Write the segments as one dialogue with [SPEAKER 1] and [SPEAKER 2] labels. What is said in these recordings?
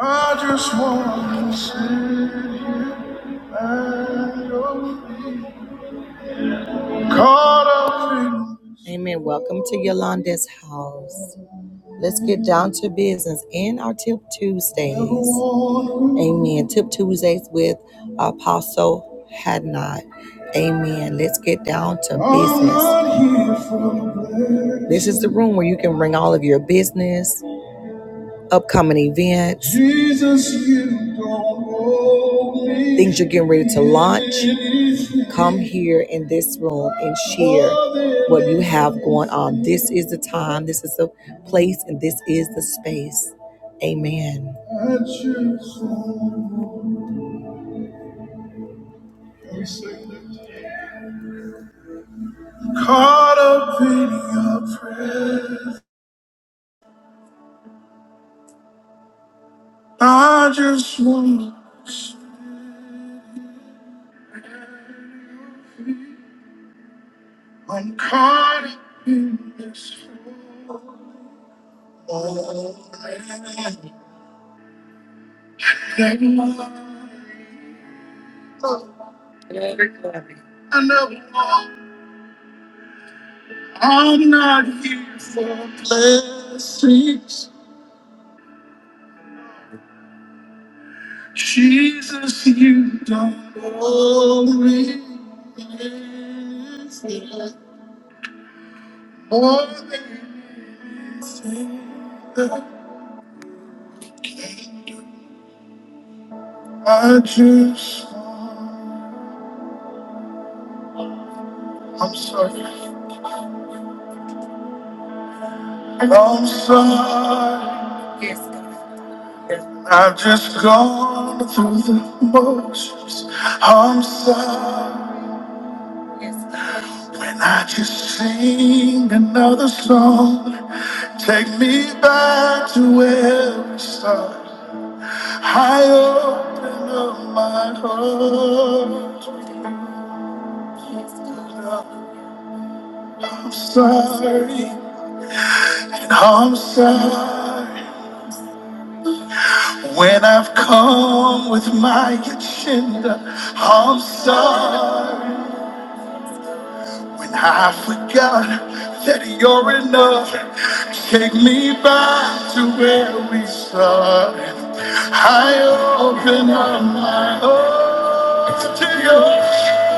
[SPEAKER 1] I just want to caught up in. Amen. Welcome to Yolanda's house. Let's get down to business and our Tip Tuesdays. Amen. Tip Tuesdays with Apostle Hadnot. Amen. Let's get down to business. This is the room where you can bring all of your business. upcoming events, Jesus, you don't owe me things you're getting ready to launch, come here in this room and share what you have going on. This is the time, this is the place, and this is the space. Amen. Caught up in your prayer, I just want. to. I'm caught up in this. I know I'm not here for blessings. Jesus, you don't owe me anything more than anything. I just, I'm sorry. I'm sorry. Yes, God. I've just gone through the motions. I'm sorry when I just sing another song. Take me back to where we started. I open up my heart. I'm sorry and I'm sorry when I've come with my agenda. I'm sorry. When I forgot that you're enough, take me back to where we started. I open up my heart to you,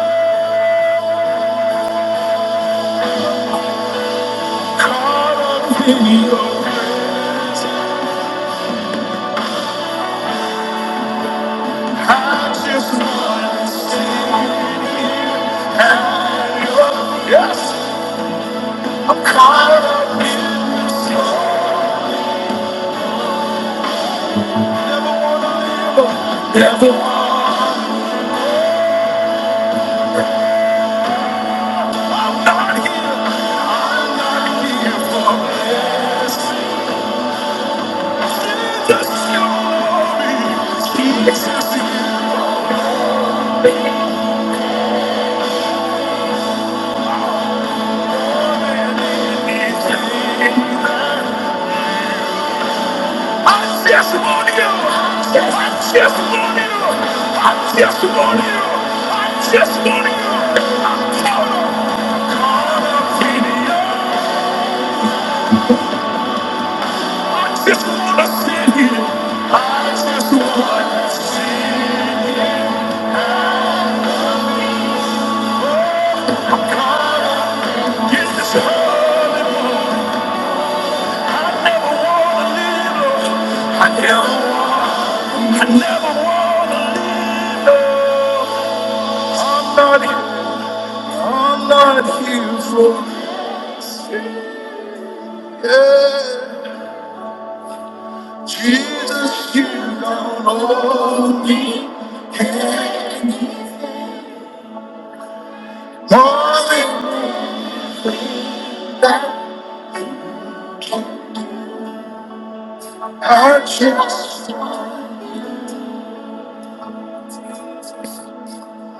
[SPEAKER 1] caught up in your hands. I just want to stay here and go. Yes, I'm caught up in this love. Never want to live, never. wanna I just want to see. God. Get this holy water. I never wanna live I never, I never wanna live I'm not, I'm not here for yeah. Jesus, you don't owe me nothing that I just.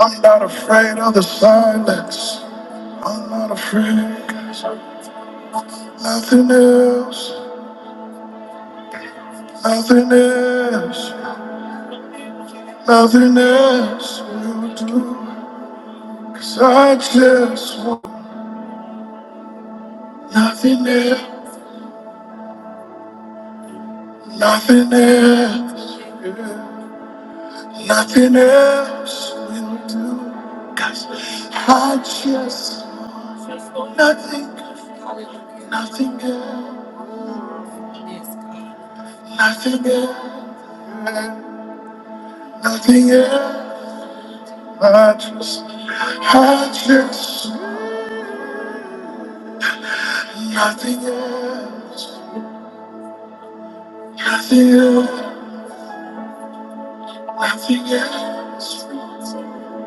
[SPEAKER 1] I'm not afraid of the silence. I'm not afraid. 'cause Nothing else. Nothing else. Nothing else will do, 'cause I just want nothing else. Nothing else. yeah. Nothing else will do, 'cause I just want nothing. Nothing else. Nothing else. yeah. Nothing else. I just, I just, want nothing else. Nothing else. Nothing else.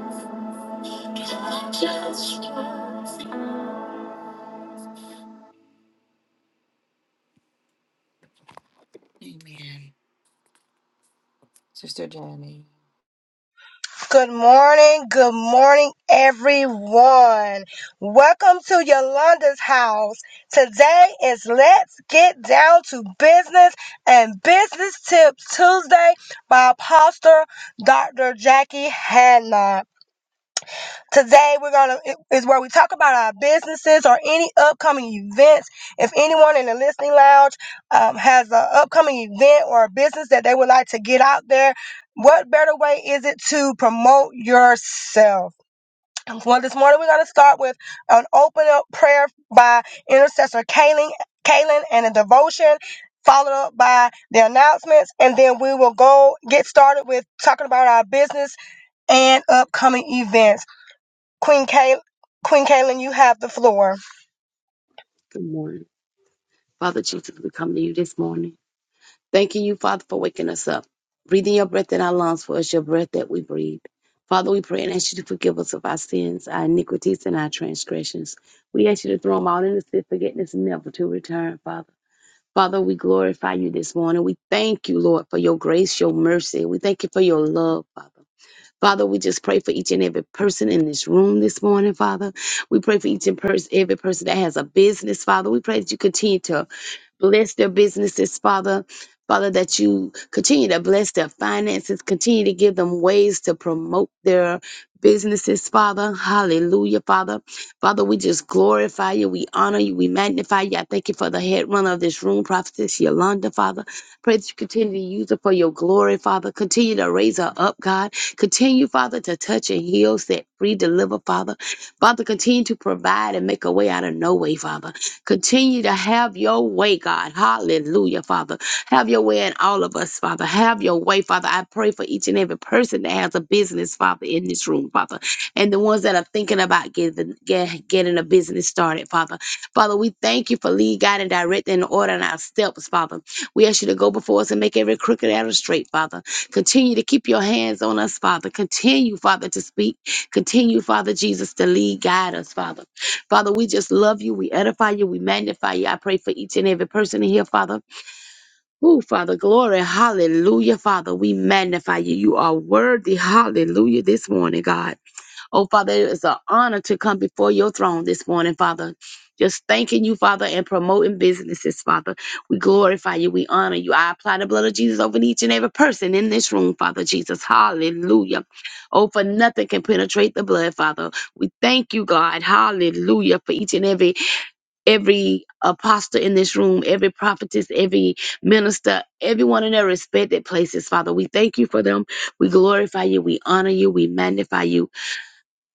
[SPEAKER 2] Good morning, good morning, everyone. Welcome to Yolanda's house. Today is Let's Get Down to Business and Business Tips Tuesday by Pastor Dr. Jackie Hanna. Today we're gonna is where we talk about our businesses or any upcoming events. If anyone in the listening lounge um, has an upcoming event or a business that they would like to get out there, what better way is it to promote yourself? Well, this morning we're gonna start with an open up prayer by intercessor Kaylin, Kaylin and a devotion. Followed up by the announcements, and then we will go get started with talking about our business and upcoming events. Queen Kay, Queen Kaylin, you have the floor.
[SPEAKER 3] Good morning. Father Jesus, we come to you this morning. Thanking you, Father, for waking us up, breathing your breath in our lungs for us, your breath that we breathe. Father, we pray and ask you to forgive us of our sins, our iniquities, and our transgressions. We ask you to throw them all in the sea of forgiveness, never to return, Father. Father, we glorify you this morning. We thank you, Lord, for your grace, your mercy. We thank you for your love, Father. Father, we just pray for each and every person in this room this morning, Father. We pray for each and pers- every person that has a business, Father. We pray that you continue to Bless their businesses, Father. Father, that you continue to bless their finances, continue to give them ways to promote their businesses, Father. Hallelujah, Father. Father, we just glorify you. We honor you. We magnify you. I thank you for the head runner of this room, Prophetess Yolanda, Father. Pray that you continue to use her for your glory, Father. Continue to raise her up, God. Continue, Father, to touch and heal, set free, deliver, Father. Father, continue to provide and make a way out of no way, Father. Continue to have your way, God. Hallelujah, Father. Have your way in all of us, Father. Have your way, Father. I pray for each and every person that has a business, Father, in this room, Father, and the ones that are thinking about getting, get, getting a business started, Father. Father, we thank you for lead, guide, and directing and ordering our steps, Father. We ask you to go before us and make every crooked arrow straight, Father. Continue to keep your hands on us, Father. Continue, Father, to speak. Continue, Father Jesus, to lead, guide us, Father. Father, we just love you. We edify you. We magnify you. I pray for each and every person in here, Father. Oh, Father, glory. Hallelujah, Father. We magnify you. You are worthy. Hallelujah, this morning, God. Oh, Father, it is an honor to come before your throne this morning, Father. Just thanking you, Father, and promoting businesses, Father. We glorify you. We honor you. I apply the blood of Jesus over each and every person in this room, Father Jesus. Hallelujah. Oh, for nothing can penetrate the blood, Father. We thank you, God. Hallelujah. For each and every every apostle in this room, every prophetess, every minister, everyone in their respected places, Father. We thank you for them. We glorify you. We honor you. We magnify you.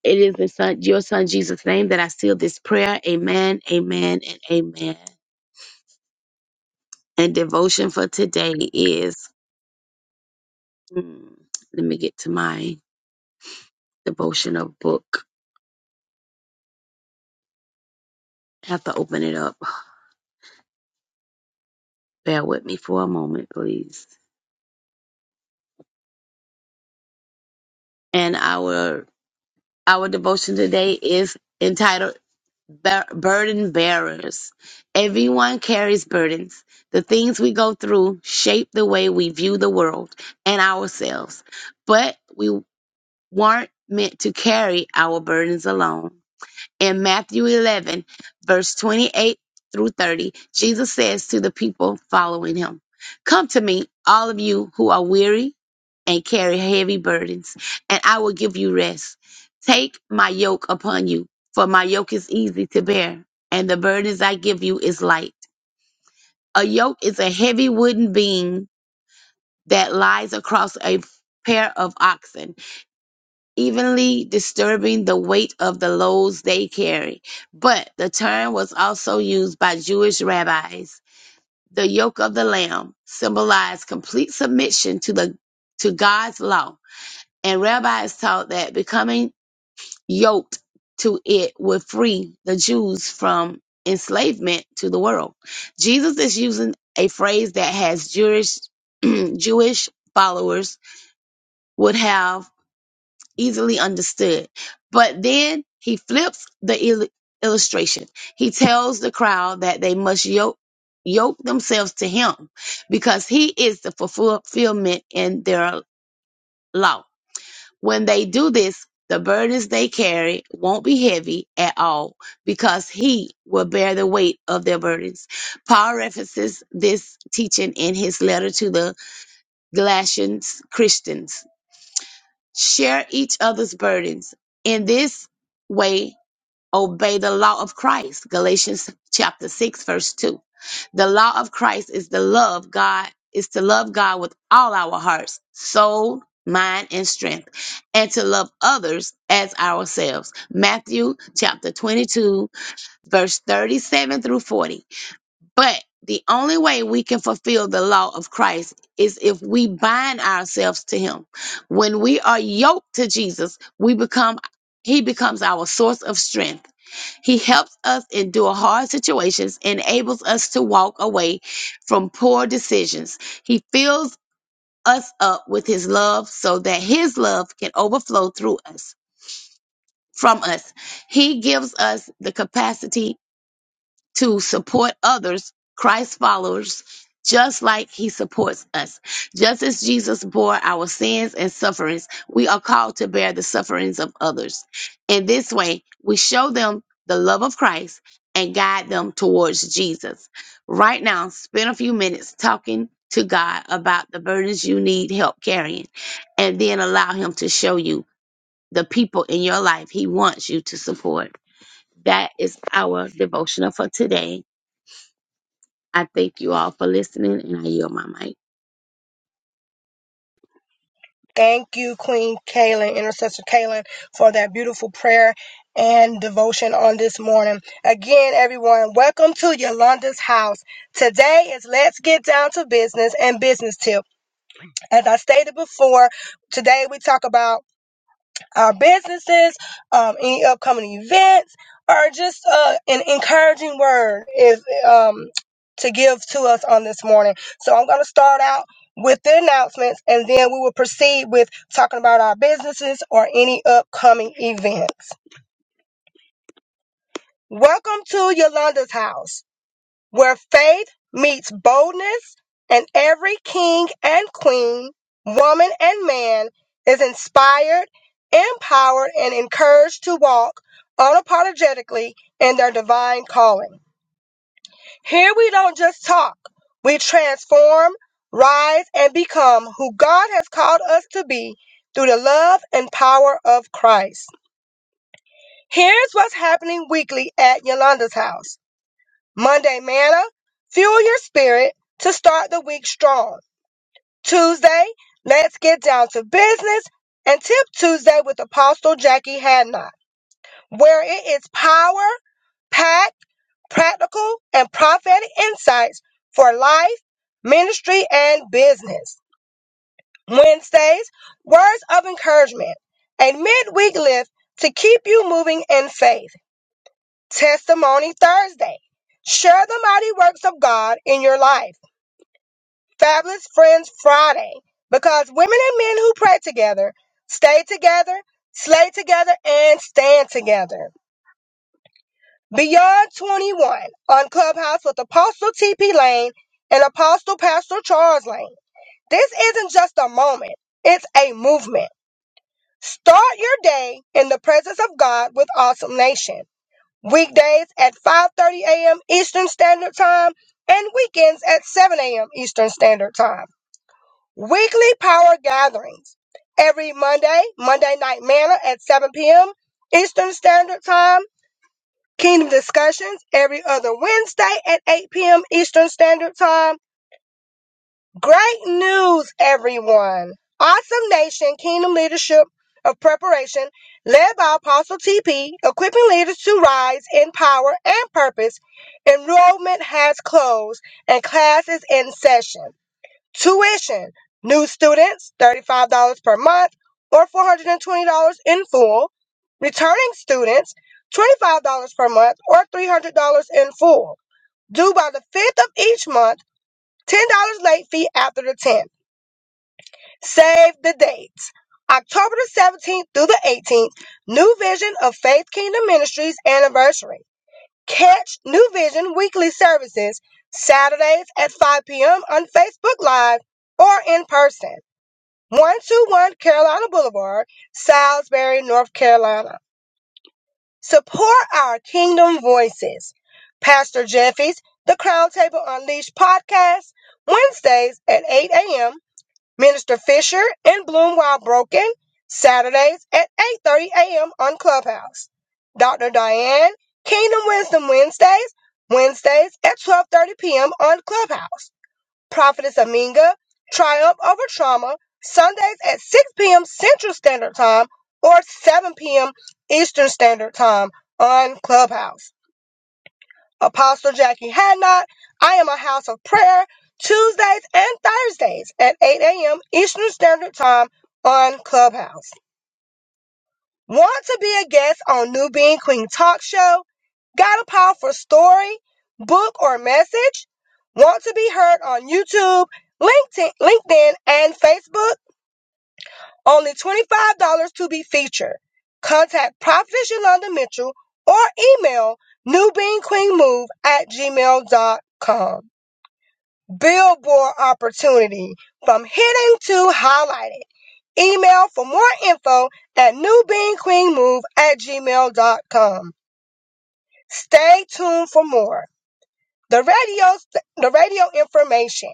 [SPEAKER 3] It is in son, your son Jesus' name that I seal this prayer. Amen, amen, and amen. And devotion for today is hmm, let me get to my devotional book. I have to open it up. Bear with me for a moment, please. And our our devotion today is entitled bur- burden bearers. Everyone carries burdens. The things we go through shape the way we view the world and ourselves, but we weren't meant to carry our burdens alone. In Matthew 11, verse 28 through 30, Jesus says to the people following him, Come to me, all of you who are weary and carry heavy burdens, and I will give you rest. Take my yoke upon you, for my yoke is easy to bear, and the burdens I give you is light. A yoke is a heavy wooden beam that lies across a pair of oxen evenly disturbing the weight of the loads they carry. But the term was also used by Jewish rabbis. The yoke of the lamb symbolized complete submission to the to God's law, and rabbis taught that becoming yoked to it would free the Jews from enslavement to the world. Jesus is using a phrase that has Jewish Jewish followers would have easily understood. But then he flips the il- illustration. He tells the crowd that they must yoke, yoke themselves to him because he is the fulfillment in their law. When they do this, the burdens they carry won't be heavy at all because he will bear the weight of their burdens. Paul references this teaching in his letter to the Galatians Christians Share each other's burdens. In this way, obey the law of Christ. Galatians chapter 6, verse 2. The law of Christ is the love God is to love God with all our hearts, soul, mind, and strength, and to love others as ourselves. Matthew chapter 22, verse 37 through 40. But the only way we can fulfill the law of Christ is if we bind ourselves to him. When we are yoked to Jesus, we become he becomes our source of strength. He helps us endure hard situations, enables us to walk away from poor decisions. He fills us up with his love so that his love can overflow through us from us. He gives us the capacity to support others, Christ followers, just like he supports us. Just as Jesus bore our sins and sufferings, we are called to bear the sufferings of others. In this way, we show them the love of Christ and guide them towards Jesus. Right now, spend a few minutes talking to God about the burdens you need help carrying, and then allow Him to show you the people in your life He wants you to support. That is our devotional for today. I thank you all for listening, and I yield my mic.
[SPEAKER 2] Thank you, Queen Kaylin, Intercessor Kaylin, for that beautiful prayer and devotion on this morning. Again, everyone, welcome to Yolanda's house. Today is Let's Get Down to Business and Business Tip. As I stated before, today we talk about our businesses, um, any upcoming events, or just uh, an encouraging word is um, to give to us on this morning. So I'm going to start out with the announcements, and then we will proceed with talking about our businesses or any upcoming events. Welcome to Yolanda's house where faith meets boldness, and every king and queen, woman and man is inspired, empowered, and encouraged to walk unapologetically in their divine calling. Here we don't just talk, we transform, rise, and become who God has called us to be through the love and power of Christ. Here's what's happening weekly at Yolanda's house. Monday, manna, fuel your spirit to start the week strong. Tuesday, let's get down to business and tip Tuesday with Apostle Jackie Hadnot, where it is power packed, practical, and prophetic insights for life, ministry, and business. Wednesdays, words of encouragement, a midweek lift to keep you moving in faith. Testimony Thursday, share the mighty works of God in your life Fabulous Friends Friday because women and men who pray together, stay together, slay together, and stand together. Beyond 21 on Clubhouse with Apostle TP Lane and Apostle Pastor Charles Lane. This isn't just a moment, it's a movement. Start your day in the presence of God with Awesome Nation. Weekdays at 5:30 a.m. Eastern Standard Time and weekends at 7 a.m. Eastern Standard Time. Weekly power gatherings every Monday, Monday Night Manor at 7 p.m. Eastern Standard Time. Kingdom discussions every other Wednesday at 8 p.m. Eastern Standard Time. Great news, everyone! Awesome Nation Kingdom Leadership of Preparation, led by Apostle TP, equipping leaders to rise in power and purpose. Enrollment has closed and class is in session. Tuition. New students, $35 per month or $420 in full. Returning students, $25 per month or $300 in full. Due by the 5th of each month, $10 late fee after the 10th. Save the dates. October the 17th through the 18th, New Vision of Faith Kingdom Ministries anniversary. Catch New Vision weekly services Saturdays at 5 p.m. on Facebook Live or in person. 121 Carolina Boulevard, Salisbury, North Carolina. Support our kingdom voices. Pastor Jeffy's The Crown Table Unleashed podcast, Wednesdays at 8 a.m. Minister Fisher and Bloom While Broken, Saturdays at 8.30 a.m. on Clubhouse. Dr. Diane, Kingdom Wisdom Wednesdays, Wednesdays at 12.30 p.m. on Clubhouse. Prophetess Aminga, Triumph Over Trauma, Sundays at 6 p.m. Central Standard Time or 7 p.m. Eastern Standard Time on Clubhouse. Apostle Jackie Hadnot, I am a house of prayer, Tuesdays and Thursdays at 8 a.m. Eastern Standard Time on Clubhouse. Want to be a guest on New Being Queen Talk Show? Got a powerful story, book, or message? Want to be heard on YouTube, LinkedIn, LinkedIn, and Facebook? Only $25 to be featured. Contact Prophet Yolanda Mitchell or email newbeingqueenmove at gmail.com. Billboard opportunity from hitting to highlighting. Email for more info at newbeingqueenmove at gmail.com. Stay tuned for more. The radio, the radio information.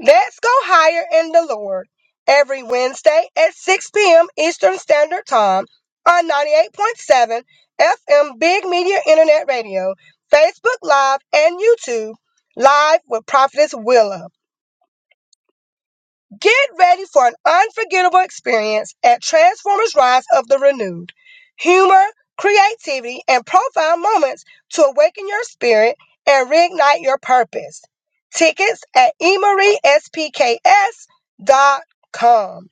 [SPEAKER 2] Let's go higher in the Lord. Every Wednesday at 6 p.m. Eastern Standard Time on 98.7 FM Big Media Internet Radio, Facebook Live, and YouTube. Live with Prophetess Willa. Get ready for an unforgettable experience at Transformers Rise of the Renewed. Humor, creativity, and profound moments to awaken your spirit and reignite your purpose. Tickets at spks. dot com.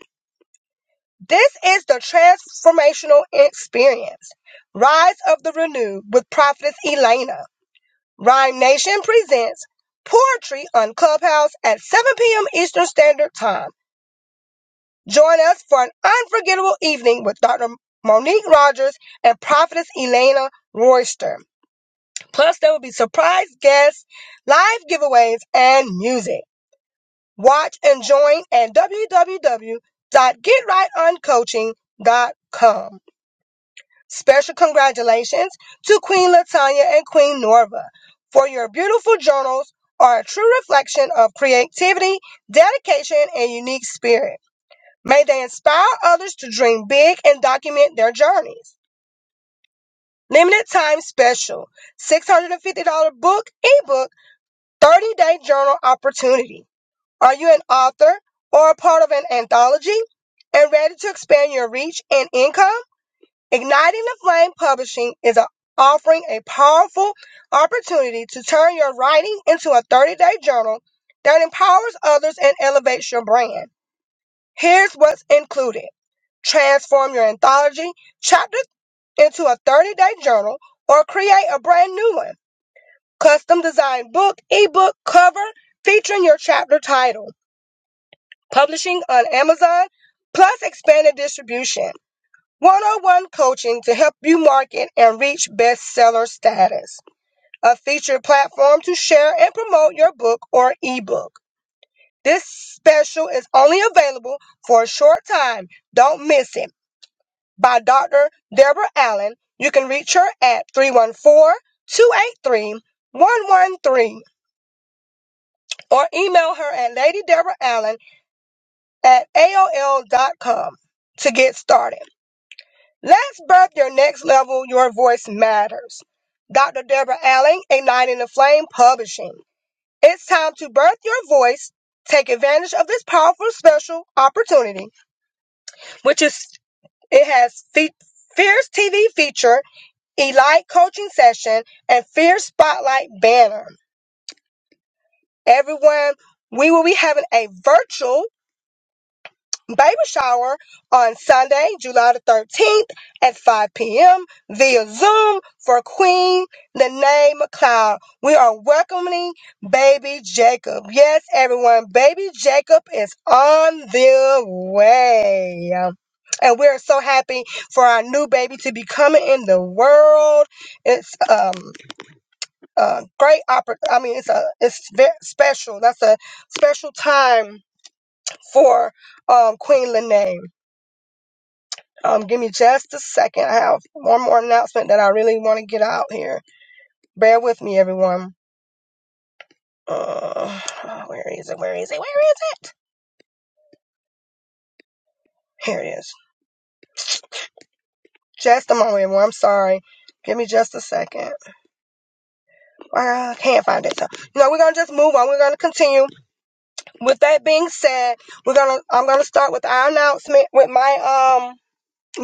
[SPEAKER 2] This is the transformational experience. Rise of the Renewed with Prophetess Elena. Rhyme Nation presents Poetry on Clubhouse at 7 p.m. Eastern Standard Time. Join us for an unforgettable evening with Dr. Monique Rogers and Prophetess Elena Royster. Plus, there will be surprise guests, live giveaways, and music. Watch and join at www.getrightoncoaching.com. Special congratulations to Queen Latanya and Queen Norva for your beautiful journals are a true reflection of creativity, dedication, and unique spirit. May they inspire others to dream big and document their journeys. Limited time special $650 book, ebook, 30 day journal opportunity. Are you an author or a part of an anthology and ready to expand your reach and income? Igniting the Flame Publishing is a- offering a powerful opportunity to turn your writing into a 30 day journal that empowers others and elevates your brand. Here's what's included. Transform your anthology chapter into a 30 day journal or create a brand new one. Custom designed book, ebook, cover featuring your chapter title. Publishing on Amazon plus expanded distribution. 101 coaching to help you market and reach bestseller status. A featured platform to share and promote your book or ebook. This special is only available for a short time. Don't miss it. by Dr. Deborah Allen. You can reach her at 314 283 113, or email her at ladydeborallen at aol dot com to get started. Let's birth your next level. Your voice matters. Dr. Deborah Allen, Igniting the Flame Publishing. It's time to birth your voice. Take advantage of this powerful special opportunity, which is it has fe- Fierce TV feature Elite Coaching Session, and Fierce Spotlight Banner. Everyone, we will be having a virtual baby shower on Sunday, July the 13th at 5 p.m. via Zoom for Queen the McLeod. We are welcoming baby Jacob. Yes, everyone, baby Jacob is on the way. And we're so happy for our new baby to be coming in the world. It's um uh, great oppor- I mean, it's a it's very special. That's a special time for um, Queen Lene. Um, give me just a second. I have one more announcement that I really want to get out here. Bear with me, everyone. Uh, where is it? Where is it? Where is it? Here it is. Just a moment, everyone. I'm sorry. Give me just a second. I can't find it. So, you know, we're gonna just move on. We're gonna continue. With that being said, we're gonna I'm gonna start with our announcement with my um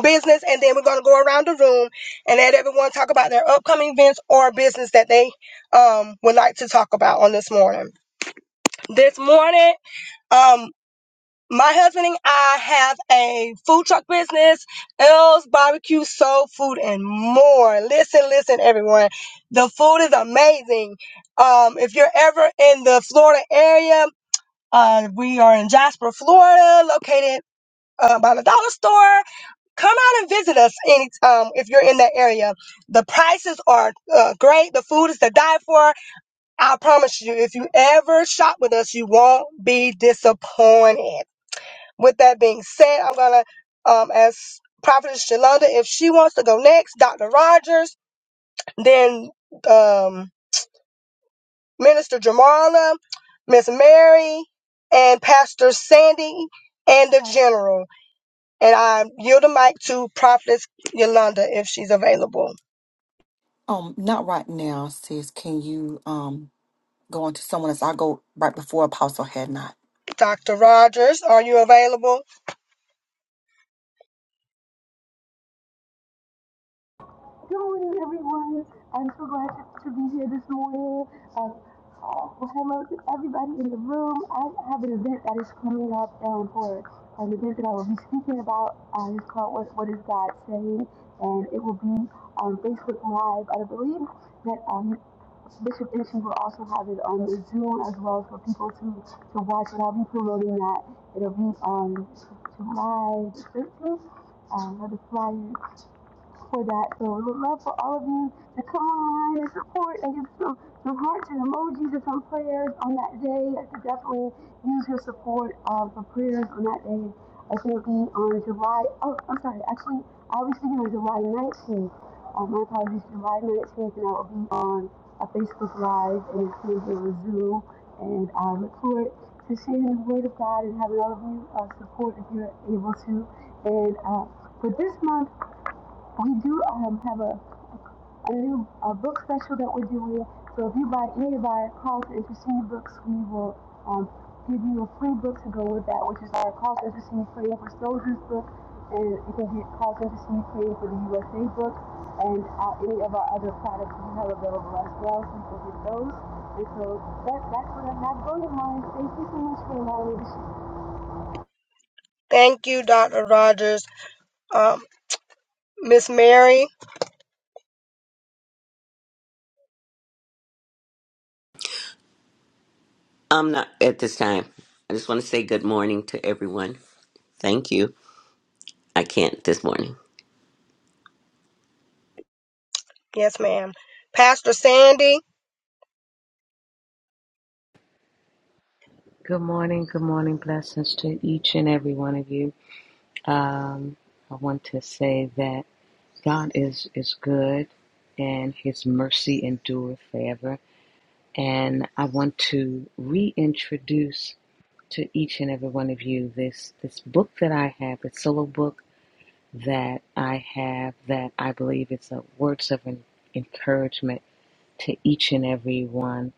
[SPEAKER 2] business, and then we're going to go around the room and let everyone talk about their upcoming events or business that they um, would like to talk about on this morning. This morning, um, my husband and I have a food truck business, L's Barbecue Soul Food and more. Listen, listen, everyone. The food is amazing. Um, if you're ever in the Florida area, uh, we are in Jasper, Florida, located uh, by the dollar store come out and visit us anytime if you're in that area. The prices are uh, great. The food is to die for. I promise you, if you ever shop with us, you won't be disappointed. With that being said, I'm gonna um, ask Prophetess Shalonda if she wants to go next. Dr. Rogers, then um, Minister Jamala, Miss Mary, and Pastor Sandy, and the General. And I yield the mic to Prophetess Yolanda if she's available.
[SPEAKER 1] Um, not right now, sis. Can you um go on to someone else? I'll go right before Apostle had not.
[SPEAKER 2] Dr. Rogers, are you available?
[SPEAKER 4] Good morning, everyone. I'm so glad to be here this morning. Um, well, hello to everybody in the room. I have an event that is coming up um, for an event that I will be speaking about. Uh, it's called what, what is God Saying? And it will be on Facebook Live. I believe that um, Bishop Isham will also have it on the Zoom as well for people to, to watch. And I'll be promoting that. It'll be on July the 13th. Um, the flyer for that. So we would love for all of you to come online and support and give some, some hearts and emojis and some prayers on that day. I could definitely use your support uh, for prayers on that day. I think it'll be on July, oh, I'm sorry, actually, I'll be speaking on July 19th. Uh, my apologies, July 19th, and I will be on a Facebook Live and it's going to be on Zoom. And I look forward to sharing the Word of God and having all of you uh, support if you're able to. And uh, for this month, we do um, have a, a new a book special that we're doing. So if you buy any of our Call to Interesting books, we will um, give you a free book to go with that, which is our Call to Interesting Praying for Soldiers book. And you can get Call to Interesting Praying for the USA book and uh, any of our other products we have available as well. So you can get those. And so that, that's what I have going on. Thank you so much for allowing me to share.
[SPEAKER 2] Thank you, Dr. Rogers. Um, Miss Mary,
[SPEAKER 5] I'm not at this time. I just want to say good morning to everyone. Thank you. I can't this morning.
[SPEAKER 2] yes, ma'am. Pastor Sandy,
[SPEAKER 6] Good morning, good morning. Blessings to each and every one of you. Um, I want to say that God is, is good and His mercy endureth forever. And I want to reintroduce to each and every one of you this, this book that I have, a solo book that I have that I believe is a words of en- encouragement to each and every one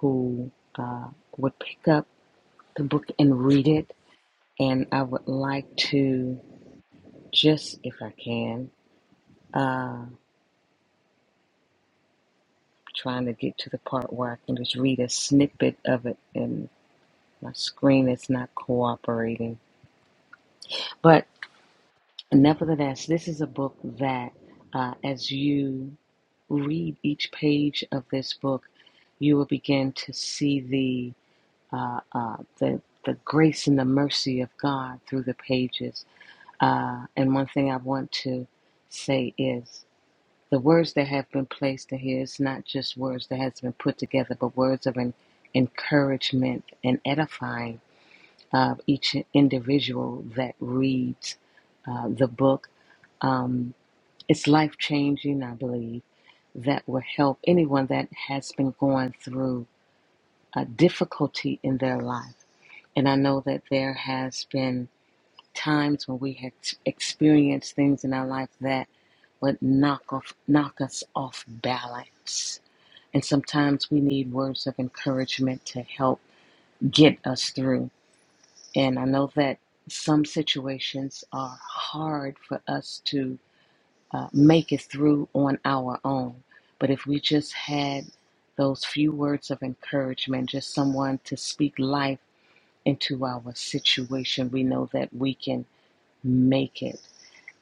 [SPEAKER 6] who uh, would pick up the book and read it and I would like to just, if I can, uh, trying to get to the part where I can just read a snippet of it, and my screen is not cooperating. But nevertheless, this is a book that, uh, as you read each page of this book, you will begin to see the uh, uh, the the grace and the mercy of God through the pages. Uh, and one thing I want to say is. the words that have been placed in here is not just words that has been put together, but words of an encouragement and edifying of each individual that reads uh, the book. Um, it's life changing, I believe, that will help anyone that has been going through a difficulty in their life. And I know that there has been times when we have experienced things in our life that would knock off knock us off balance And sometimes we need words of encouragement to help get us through. And I know that some situations are hard for us to uh, make it through on our own. But if we just had those few words of encouragement, just someone to speak life into our situation, we know that we can make it.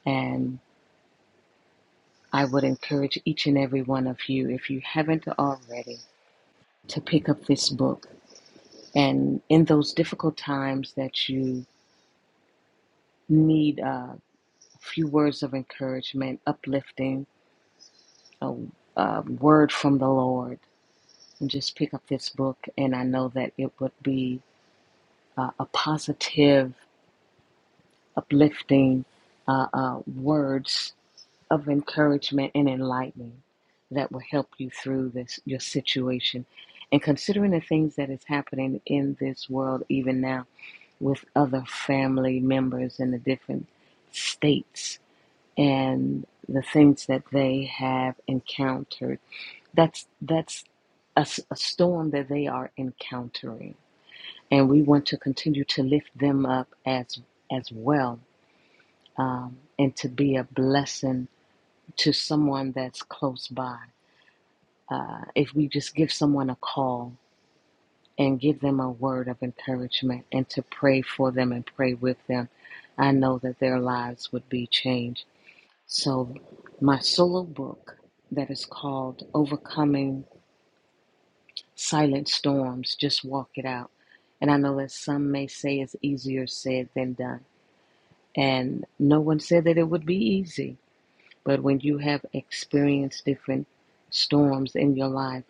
[SPEAKER 6] And I would encourage each and every one of you, if you haven't already, to pick up this book. And in those difficult times that you need uh, a few words of encouragement, uplifting, a, a word from the Lord, and just pick up this book. And I know that it would be uh, a positive, uplifting uh, uh, words of encouragement and enlightening that will help you through this your situation. And considering the things that is happening in this world even now, with other family members in the different states and the things that they have encountered. That's that's a a storm that they are encountering, and we want to continue to lift them up as as well, um, and to be a blessing to someone that's close by. Uh, if we just give someone a call and give them a word of encouragement and to pray for them and pray with them. I know that their lives would be changed. So, my solo book that is called Overcoming Silent Storms, just walk it out. And I know that some may say it's easier said than done. And no one said that it would be easy. But when you have experienced different storms in your life,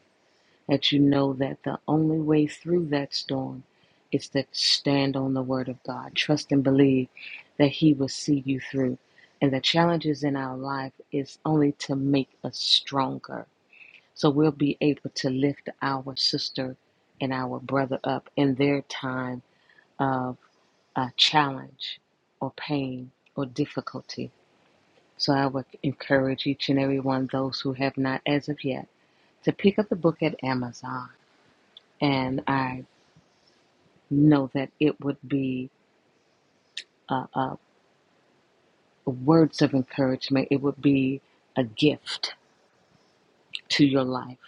[SPEAKER 6] that you know that the only way through that storm is to stand on the word of God. Trust and believe that He will see you through. And the challenges in our life is only to make us stronger. So we'll be able to lift our sister and our brother up in their time of uh, challenge or pain or difficulty. So I would encourage each and every one, those who have not as of yet, to pick up the book at Amazon. And I know that it would be uh, uh, words of encouragement, it would be a gift to your life.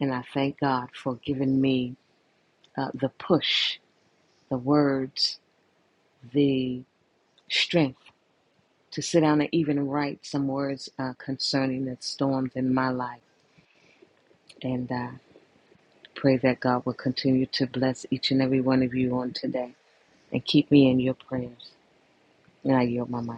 [SPEAKER 6] And I thank God for giving me uh, the push, the words, the strength to sit down and even write some words uh, concerning the storms in my life. And I uh, pray that God will continue to bless each and every one of you on today and keep me in your prayers. And I yield my mic.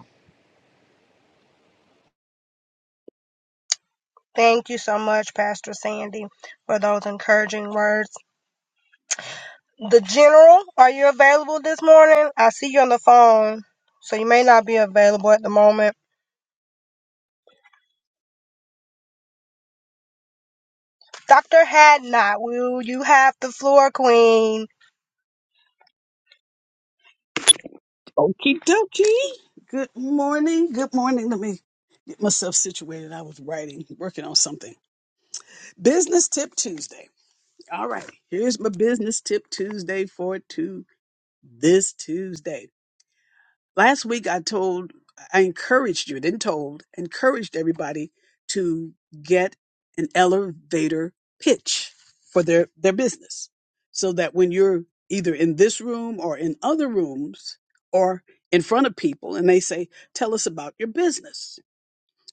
[SPEAKER 2] thank you so much, Pastor Sandy, for those encouraging words. The General, are you available this morning? I see you on the phone, so you may not be available at the moment. Dr. Hadnot, will you have the floor, Queen?
[SPEAKER 7] Okie dokie. Good morning. Good morning. Let me get myself situated. I was writing, working on something. Business Tip Tuesday. All right. Here's my Business Tip Tuesday for to this Tuesday last week I told, I encouraged you, didn't told, encouraged everybody to get an elevator pitch for their, their business so that when you're either in this room or in other rooms or in front of people and they say, tell us about your business.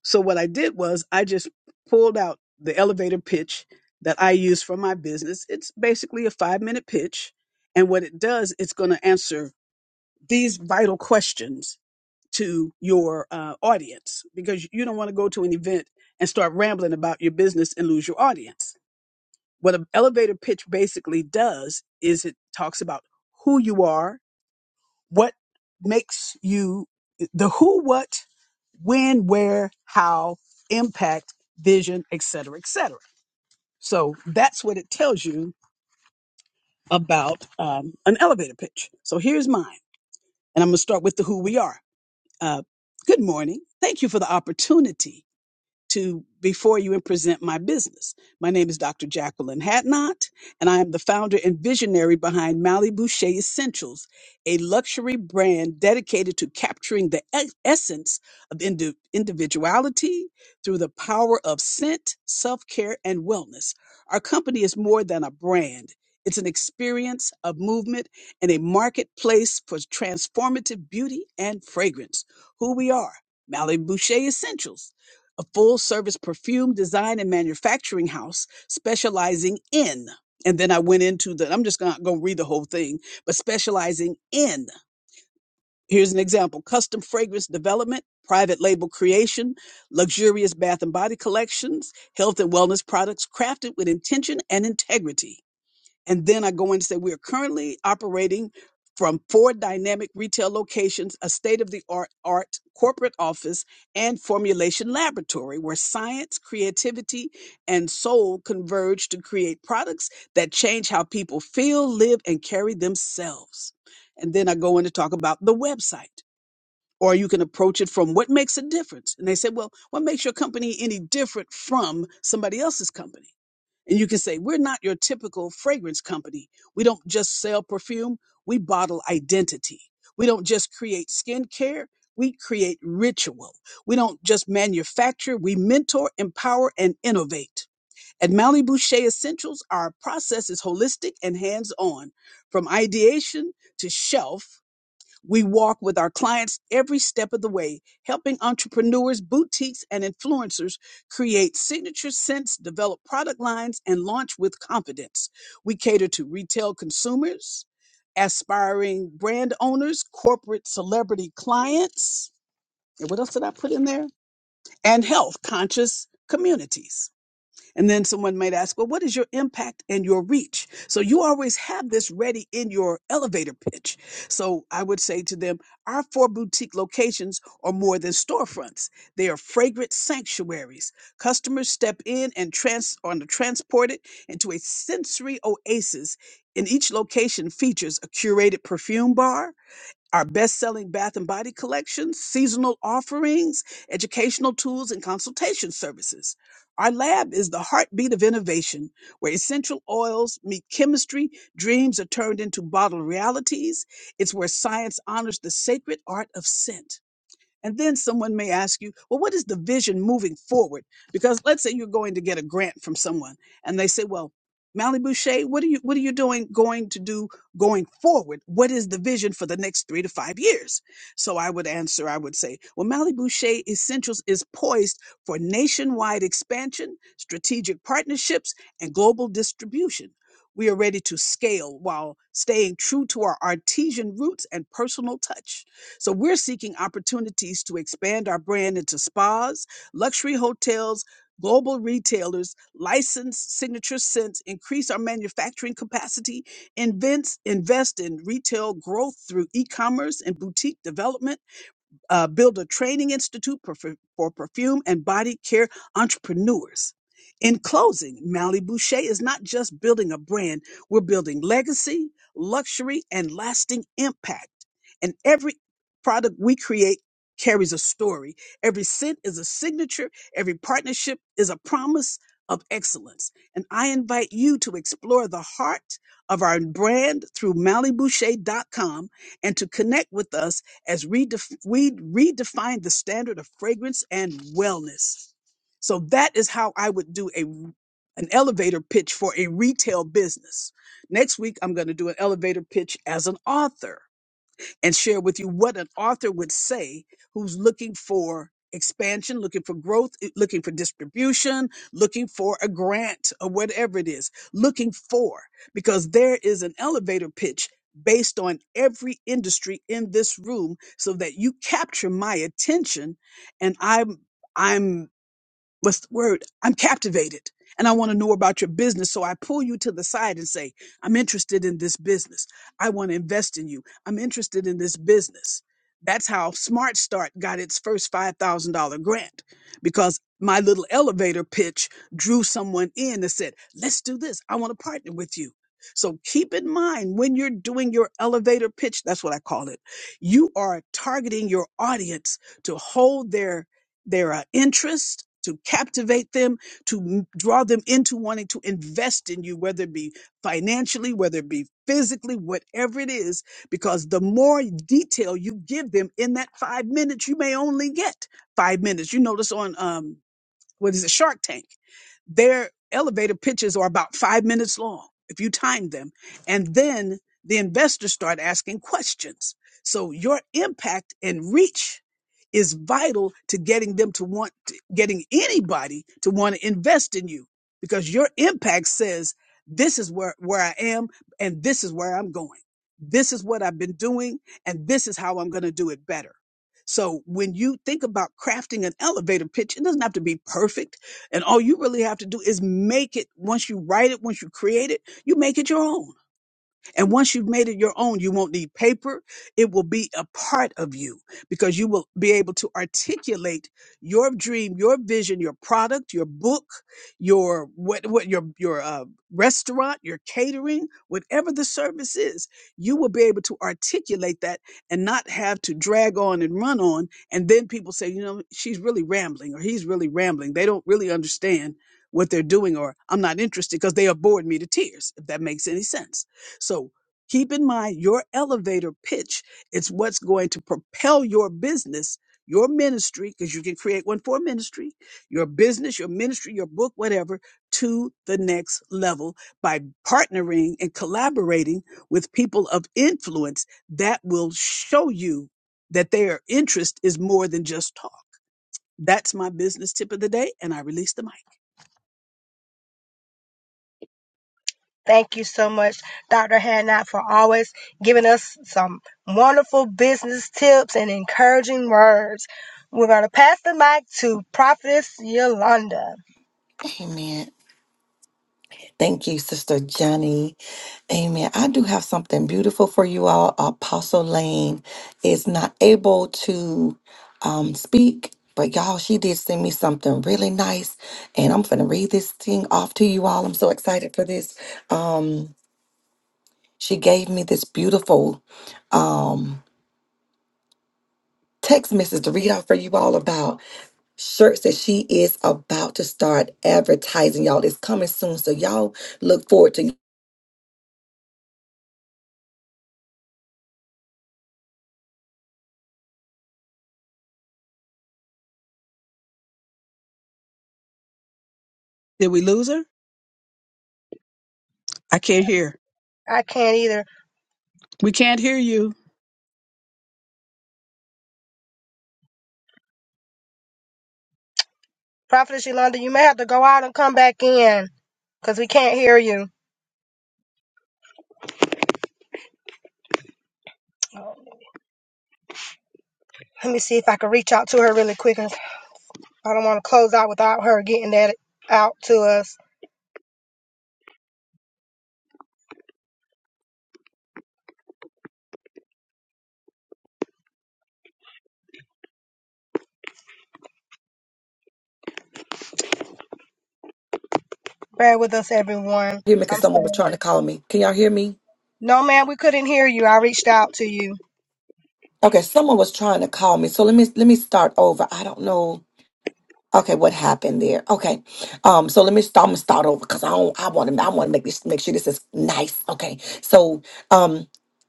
[SPEAKER 7] So what I did was I just pulled out the elevator pitch that I use for my business. It's basically a five minute pitch. And what it does, it's going to answer these vital questions to your uh, audience because you don't want to go to an event and start rambling about your business and lose your audience. What an elevator pitch basically does is it talks about who you are, what makes you the who, what, when, where, how, impact, vision, et cetera, et cetera. So that's what it tells you about um, an elevator pitch. So here's mine. And I'm going to start with the who we are. Uh, good morning. Thank you for the opportunity to before you and present my business. My name is Dr. Jacqueline Hatnot, and I am the founder and visionary behind Malibu Shea Essentials, a luxury brand dedicated to capturing the e- essence of indi- individuality through the power of scent, self care, and wellness. Our company is more than a brand. It's an experience of movement and a marketplace for transformative beauty and fragrance. Who we are, Malibu Shea Essentials a full service perfume design and manufacturing house specializing in and then i went into the i'm just not going to read the whole thing but specializing in here's an example custom fragrance development private label creation luxurious bath and body collections health and wellness products crafted with intention and integrity and then I go in and say, we are currently operating from four dynamic retail locations, a state of the art art corporate office and formulation laboratory where science, creativity, and soul converge to create products that change how people feel, live, and carry themselves. And then I go in to talk about the website. Or you can approach it from what makes a difference. And they said, well, what makes your company any different from somebody else's company? And you can say, We're not your typical fragrance company. We don't just sell perfume, we bottle identity. We don't just create skincare, we create ritual. We don't just manufacture, we mentor, empower, and innovate. At Malibu Shea Essentials, our process is holistic and hands on, from ideation to shelf. We walk with our clients every step of the way, helping entrepreneurs, boutiques, and influencers create signature scents, develop product lines, and launch with confidence. We cater to retail consumers, aspiring brand owners, corporate celebrity clients, and what else did I put in there? And health conscious communities. And then someone might ask, well, what is your impact and your reach? So you always have this ready in your elevator pitch. So I would say to them, our four boutique locations are more than storefronts. They are fragrant sanctuaries. Customers step in and trans are transported into a sensory oasis. In each location features a curated perfume bar, our best-selling bath and body collections, seasonal offerings, educational tools, and consultation services. Our lab is the heartbeat of innovation, where essential oils meet chemistry, dreams are turned into bottled realities. It's where science honors the sacred art of scent. And then someone may ask you, well, what is the vision moving forward? Because let's say you're going to get a grant from someone and they say, well, Mally Boucher, what are you what are you doing going to do going forward? What is the vision for the next three to five years? So I would answer, I would say, well, Mally Boucher Essentials is poised for nationwide expansion, strategic partnerships, and global distribution. We are ready to scale while staying true to our artesian roots and personal touch. So we're seeking opportunities to expand our brand into spas, luxury hotels, global retailers, license signature scents, increase our manufacturing capacity, invents, invest in retail growth through e-commerce and boutique development uh, build a training institute for, for perfume and body care entrepreneurs. In closing, Mally Boucher is not just building a brand, we're building legacy, luxury, and lasting impact. And every product we create carries a story. Every scent is a signature, every partnership is a promise of excellence. And I invite you to explore the heart of our brand through Mally Boucher dot com and to connect with us as we, def- we redefine the standard of fragrance and wellness. So that is how I would do a an elevator pitch for a retail business. Next week, I'm going to do an elevator pitch as an author and share with you what an author would say who's looking for expansion, looking for growth, eh, looking for distribution, looking for a grant or whatever it is, looking for, because there is an elevator pitch based on every industry in this room so that you capture my attention and I'm. I'm what's the word? I'm captivated and I want to know about your business. So I pull you to the side and say, I'm interested in this business. I want to invest in you. I'm interested in this business. That's how Smart Start got its first $5,000 grant because my little elevator pitch drew someone in and said, Let's do this. I want to partner with you. So keep in mind when you're doing your elevator pitch, that's what I call it, you are targeting your audience to hold their there are interests to captivate them, to m- draw them into wanting to invest in you, whether it be financially, whether it be physically, whatever it is, because the more detail you give them in that five minutes, you may only get five minutes. You notice on, um, what is it, Shark Tank. Their elevator pitches are about five minutes long if you time them. And then the investors start asking questions. So your impact and reach is vital to getting them to want, getting anybody to want to invest in you because your impact says, this is where, where I am and this is where I'm going. This is what I've been doing and this is how I'm going to do it better. So when you think about crafting an elevator pitch, it doesn't have to be perfect. And all you really have to do is make it once you write it, once you create it, you make it your own. And once you've made it your own, you won't need paper. It will be a part of you because you will be able to articulate your dream, your vision, your product, your book, your what, what your your uh, restaurant, your catering, whatever the service is. You will be able to articulate that and not have to drag on and run on. And then people say, you know, she's really rambling or he's really rambling. They don't really understand what they're doing, or I'm not interested because they have bored me to tears. If that makes any sense. So keep in mind your elevator pitch It's what's going to propel your business, your ministry, because you can create one for ministry, your business, your ministry, your book, whatever, to the next level by partnering and collaborating with people of influence that will show you that their interest is more than just talk. That's my business tip of the day, and I release the mic.
[SPEAKER 2] Thank you so much, Dr. Hannah, for always giving us some wonderful business tips and encouraging words. We're going to pass the mic to Prophetess Yolanda.
[SPEAKER 1] Amen. Thank you, Sister Johnny. Amen. I do have something beautiful for you all. Apostle Lane is not able to um, speak, but y'all, she did send me something really nice, and I'm gonna read this thing off to you all. I'm so excited for this. Um, she gave me this beautiful. um. text message to read out for you all about shirts that she is about to start advertising. Y'all, it's coming soon. So y'all look forward to hear
[SPEAKER 7] Did we lose her? I can't hear.
[SPEAKER 2] I can't either.
[SPEAKER 7] We can't hear you.
[SPEAKER 2] Prophetess Yolanda, you may have to go out and come back in because we can't hear you. Let me see if I can reach out to her really quick. I don't want to close out without her getting that out to us. Bear with us, everyone.
[SPEAKER 1] me because
[SPEAKER 2] I'm
[SPEAKER 1] someone was
[SPEAKER 2] sorry.
[SPEAKER 1] trying to call me. Can y'all hear me?
[SPEAKER 2] No, ma'am, we couldn't hear you. I reached out to you.
[SPEAKER 1] Okay, someone was trying to call me. So let me let me start over. I don't know. Okay, what happened there? Okay, um, so let me. St- I'm gonna start over because I don't. I want to. I want to make this. Make sure this is nice. Okay, so um,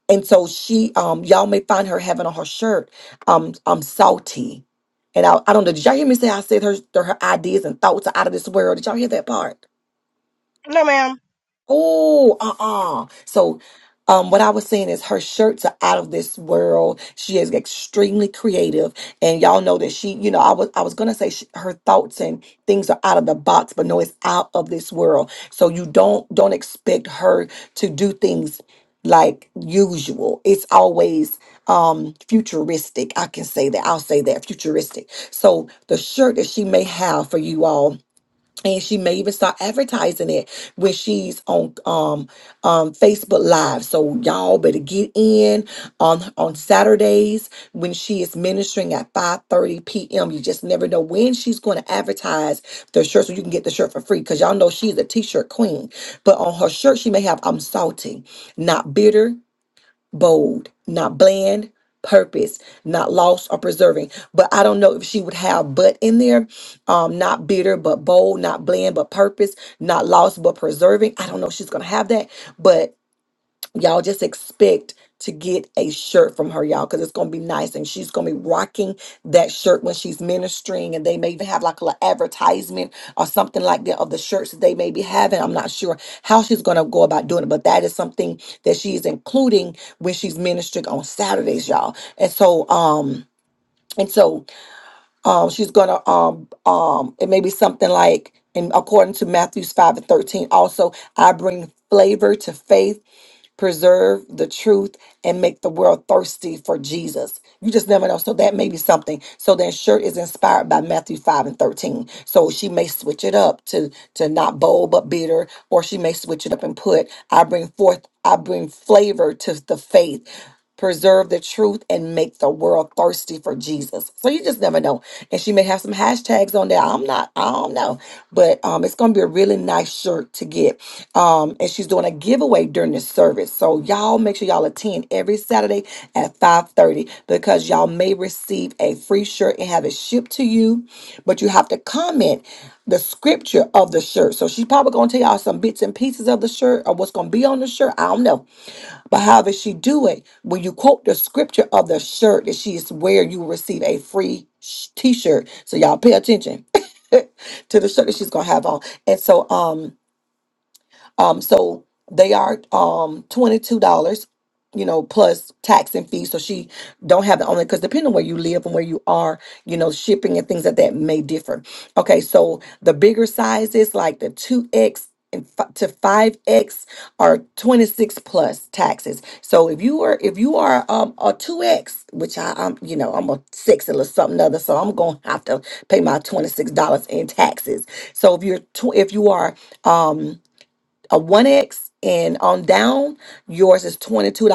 [SPEAKER 1] and so she um, y'all may find her having on her shirt um, um, salty, and I, I don't know. Did y'all hear me say I said her her ideas and thoughts are out of this world? Did y'all hear that part?
[SPEAKER 2] No, ma'am.
[SPEAKER 1] Oh, uh-uh. So, um, what I was saying is her shirts are out of this world. She is extremely creative, and y'all know that she, you know, I was I was gonna say she, her thoughts and things are out of the box, but no, it's out of this world. So you don't don't expect her to do things like usual. It's always um futuristic. I can say that. I'll say that futuristic. So the shirt that she may have for you all and she may even start advertising it when she's on um um Facebook Live. So y'all better get in on on Saturdays when she is ministering at 5:30 p.m. You just never know when she's going to advertise the shirt so you can get the shirt for free. Cause y'all know she's a t-shirt queen. But on her shirt, she may have I'm salty, not bitter bold, not bland, purpose, not lost or preserving. But I don't know if she would have but in there. Um, not bitter, but bold, not bland, but purpose, not lost, but preserving. I don't know if she's gonna have that, but y'all just expect to get a shirt from her y'all because it's gonna be nice and she's gonna be rocking that shirt when she's ministering and they may even have like a little advertisement or something like that of the shirts that they may be having i'm not sure how she's gonna go about doing it but that is something that she is including when she's ministering on saturdays y'all and so um and so um, she's gonna um um it may be something like and according to Matthews 5 and 13 also I bring flavor to faith preserve the truth and make the world thirsty for Jesus you just never know so that may be something so that shirt is inspired by Matthew 5 and 13 so she may switch it up to to not bold but bitter or she may switch it up and put I bring forth I bring flavor to the faith preserve the truth and make the world thirsty for Jesus. So you just never know. And she may have some hashtags on there. I'm not, I don't know. But um it's gonna be a really nice shirt to get. Um and she's doing a giveaway during this service. So y'all make sure y'all attend every Saturday at 5:30 because y'all may receive a free shirt and have it shipped to you. But you have to comment the scripture of the shirt. So she's probably gonna tell y'all some bits and pieces of the shirt or what's gonna be on the shirt. I don't know but how does she do it? When you quote the scripture of the shirt that she is wearing, you will receive a free sh- t-shirt. So y'all pay attention to the shirt that she's gonna have on. And so um um, so they are um $22, you know, plus tax and fees. So she don't have the only because depending on where you live and where you are, you know, shipping and things like that may differ. Okay, so the bigger sizes like the 2X and f- to 5X are 26 plus taxes. So if you are if you are um a 2X, which I I'm you know, I'm a 6 or something other, so I'm going to have to pay my $26 in taxes. So if you're tw- if you are um a 1X and on down, yours is $22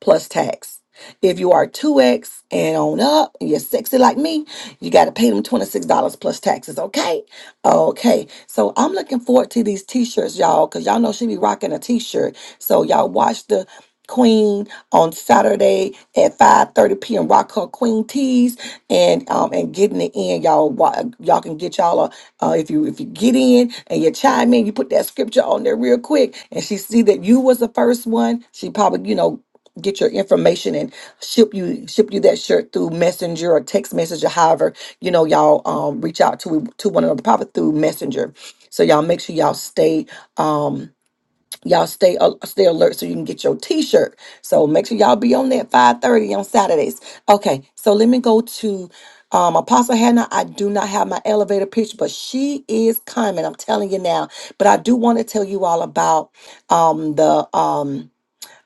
[SPEAKER 1] plus tax. If you are 2X and on up, and you're sexy like me, you got to pay them $26 plus taxes, okay? Okay. So I'm looking forward to these t shirts, y'all, because y'all know she be rocking a t shirt. So y'all watch the Queen on Saturday at 5:30 p.m. Rock her Queen tees and um and getting it in y'all. Wa- Y'all can get y'all uh, if you if you get in and you chime in, you put that scripture on there real quick, and she see that you was the first one. She probably you know get your information and ship you ship you that shirt through messenger or text message or however you know y'all um reach out to to one another probably through messenger so y'all make sure y'all stay um y'all stay al- stay alert so you can get your t-shirt so make sure y'all be on that 5:30 on saturdays okay so let me go to um apostle hannah i do not have my elevator pitch but she is coming i'm telling you now but i do want to tell you all about um the um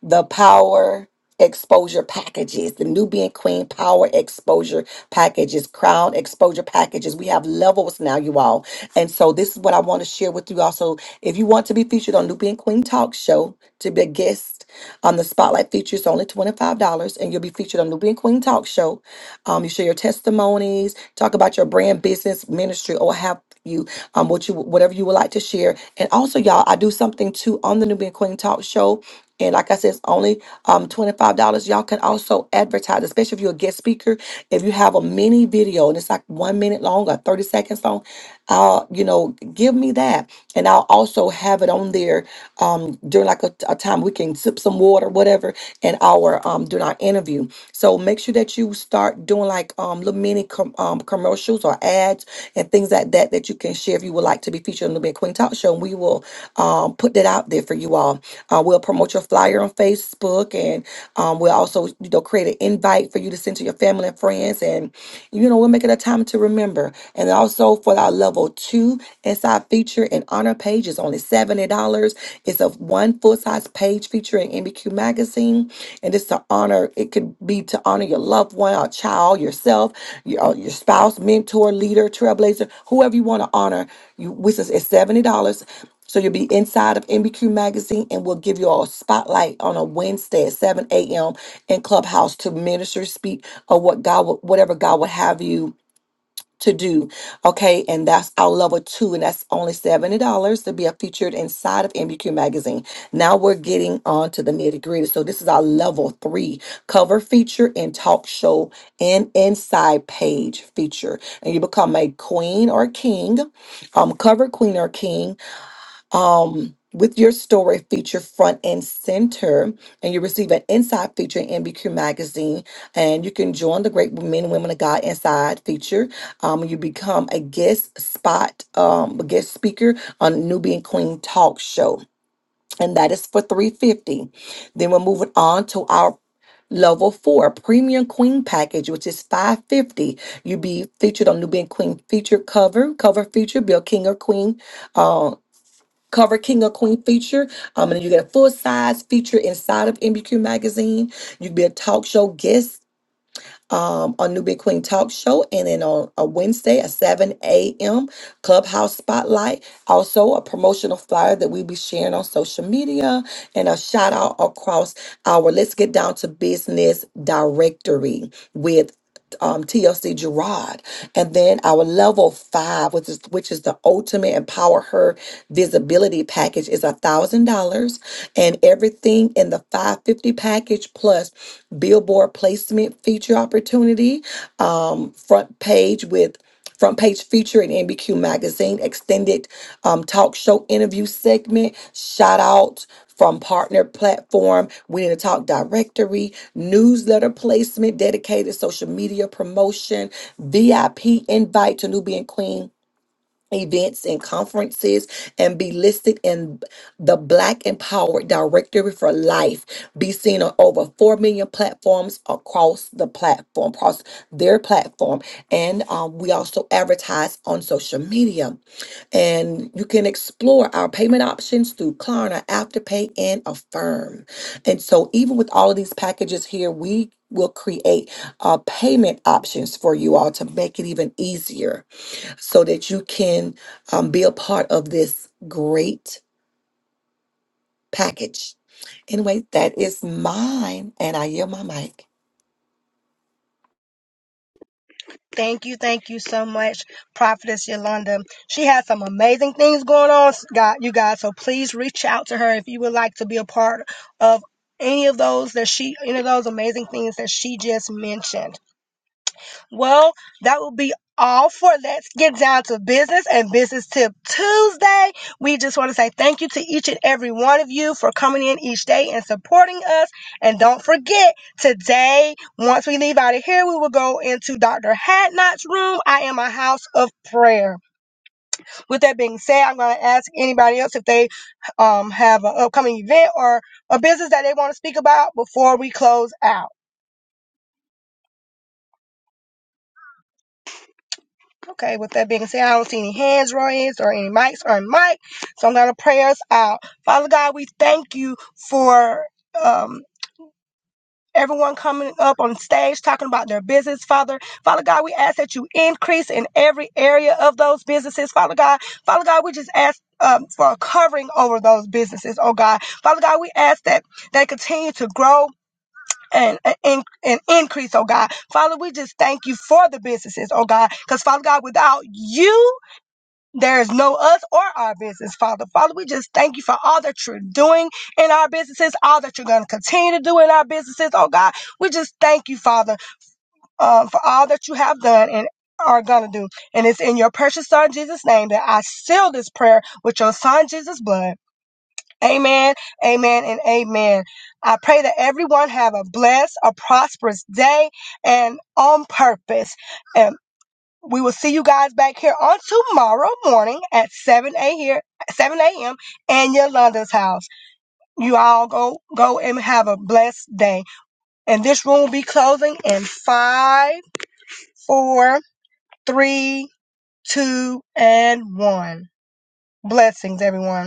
[SPEAKER 1] the power exposure packages, the Nubian Queen power exposure packages, crown exposure packages. We have levels now, you all. And so this is what I want to share with you also. If you want to be featured on Nubian Queen Talk Show to be a guest, um, the spotlight feature is only $25 and you'll be featured on the Nubian Queen Talk Show. Um, you share your testimonies, talk about your brand, business, ministry, or have you um what you whatever you would like to share. And also, y'all, I do something too on the Nubian Queen Talk Show. And like I said, it's only only um, $25. Y'all can also advertise, especially if you're a guest speaker. If you have a mini video and it's like one minute long or 30 seconds long, I'll, you know, give me that. And I'll also have it on there um, during like a, a time we can sip some water, whatever, in our, um, during our interview. So make sure that you start doing like um, little mini com- um, commercials or ads and things like that that you can share if you would like to be featured on the Big Queen Talk Show. And we will um, put that out there for you all. Uh, we'll promote your flyer on Facebook, and um, we'll also you know create an invite for you to send to your family and friends, and you know we'll make it a time to remember. And also for our level two. SI feature and honor page is only $70. It's a one full-size page featuring MBQ magazine. And it's to honor, it could be to honor your loved one, or child, yourself, your, uh, your spouse, mentor, leader, trailblazer, whoever you want to honor. You which is it's $70. So you'll be inside of MBQ magazine and we'll give you all a spotlight on a Wednesday at 7 a.m. in Clubhouse to minister, speak, or what God would whatever God would have you to do. Okay, and that's our level two, and that's only $70 to be a featured inside of MBQ magazine. Now we're getting on to the nitty gritty. So this is our level three cover feature and talk show and inside page feature. And you become a queen or king, um, cover queen or king with your story featured front and center, and you receive an inside feature in MBQ magazine, and you can join the great men and women of God inside feature. Um, you become a guest spot, um, a guest speaker on Nubian Queen Talk Show, and that is for three fifty. Then we're moving on to our level four premium queen package which is 550 you be featured on nubian queen feature cover cover feature bill king or queen um, cover king or queen feature. Um, and you get a full size feature inside of MBQ magazine. You can be a talk show guest um, on New Big Queen Talk Show, and then on a Wednesday at 7 a.m. Clubhouse Spotlight. Also, a promotional flyer that we'll be sharing on social media, and a shout out across our Let's Get Down to Business directory with um, TLC Gerard, and then our level five, which is which is the ultimate empower her visibility package, is a thousand dollars, and everything in the five fifty package plus billboard placement feature opportunity um, front page with front page feature in NBQ magazine extended um, talk show interview segment shout out from partner platform we need to talk directory newsletter placement dedicated social media promotion vip invite to nubian queen events and conferences and be listed in the Black Empowered Directory for Life. Be seen on over 4 million platforms across the platform, across their platform. And um, we also advertise on social media. And you can explore our payment options through Klarna, Afterpay, and Affirm. And so, even with all of these packages here, we will create uh, payment options for you all to make it even easier so that you can um, be a part of this great package. Anyway, that is mine, and I yield my mic.
[SPEAKER 2] Thank you, thank you so much, Prophetess Yolanda. She has some amazing things going on, God, you guys. So please reach out to her if you would like to be a part of any of those that she, any of those amazing things that she just mentioned. Well, that will be all for Let's Get Down to Business and Business Tip Tuesday. We just want to say thank you to each and every one of you for coming in each day and supporting us. And don't forget, today, once we leave out of here, we will go into Dr. Hadnot's room. I am a house of prayer. With that being said, I'm going to ask anybody else if they um, have an upcoming event or a business that they want to speak about before we close out. Okay, with that being said, I don't see any hands raised or any mics or any mic. So I'm going to pray us out. Father God, we thank you for um everyone coming up on stage talking about their business, Father. Father God, we ask that you increase in every area of those businesses, Father God. Father God, we just ask um, for a covering over those businesses, oh God. Father God, we ask that they continue to grow and, and, and increase, oh God. Father, we just thank you for the businesses, oh God. Because, Father God, without you, there is no us or our business, Father. Father, we just thank you for all that you're doing in our businesses, all that you're going to continue to do in our businesses. Oh God, we just thank you, Father, um, for all that you have done and are going to do. And it's in your precious Son, Jesus' name, that I seal this prayer with your Son, Jesus' blood. Amen, amen, and amen. I pray that everyone have a blessed, a prosperous day and on purpose. and. We will see you guys back here on tomorrow morning at 7 a here, 7 a.m. in Yolanda's house. You all go go and have a blessed day. And this room will be closing in five, four, three, two, and one. Blessings, everyone.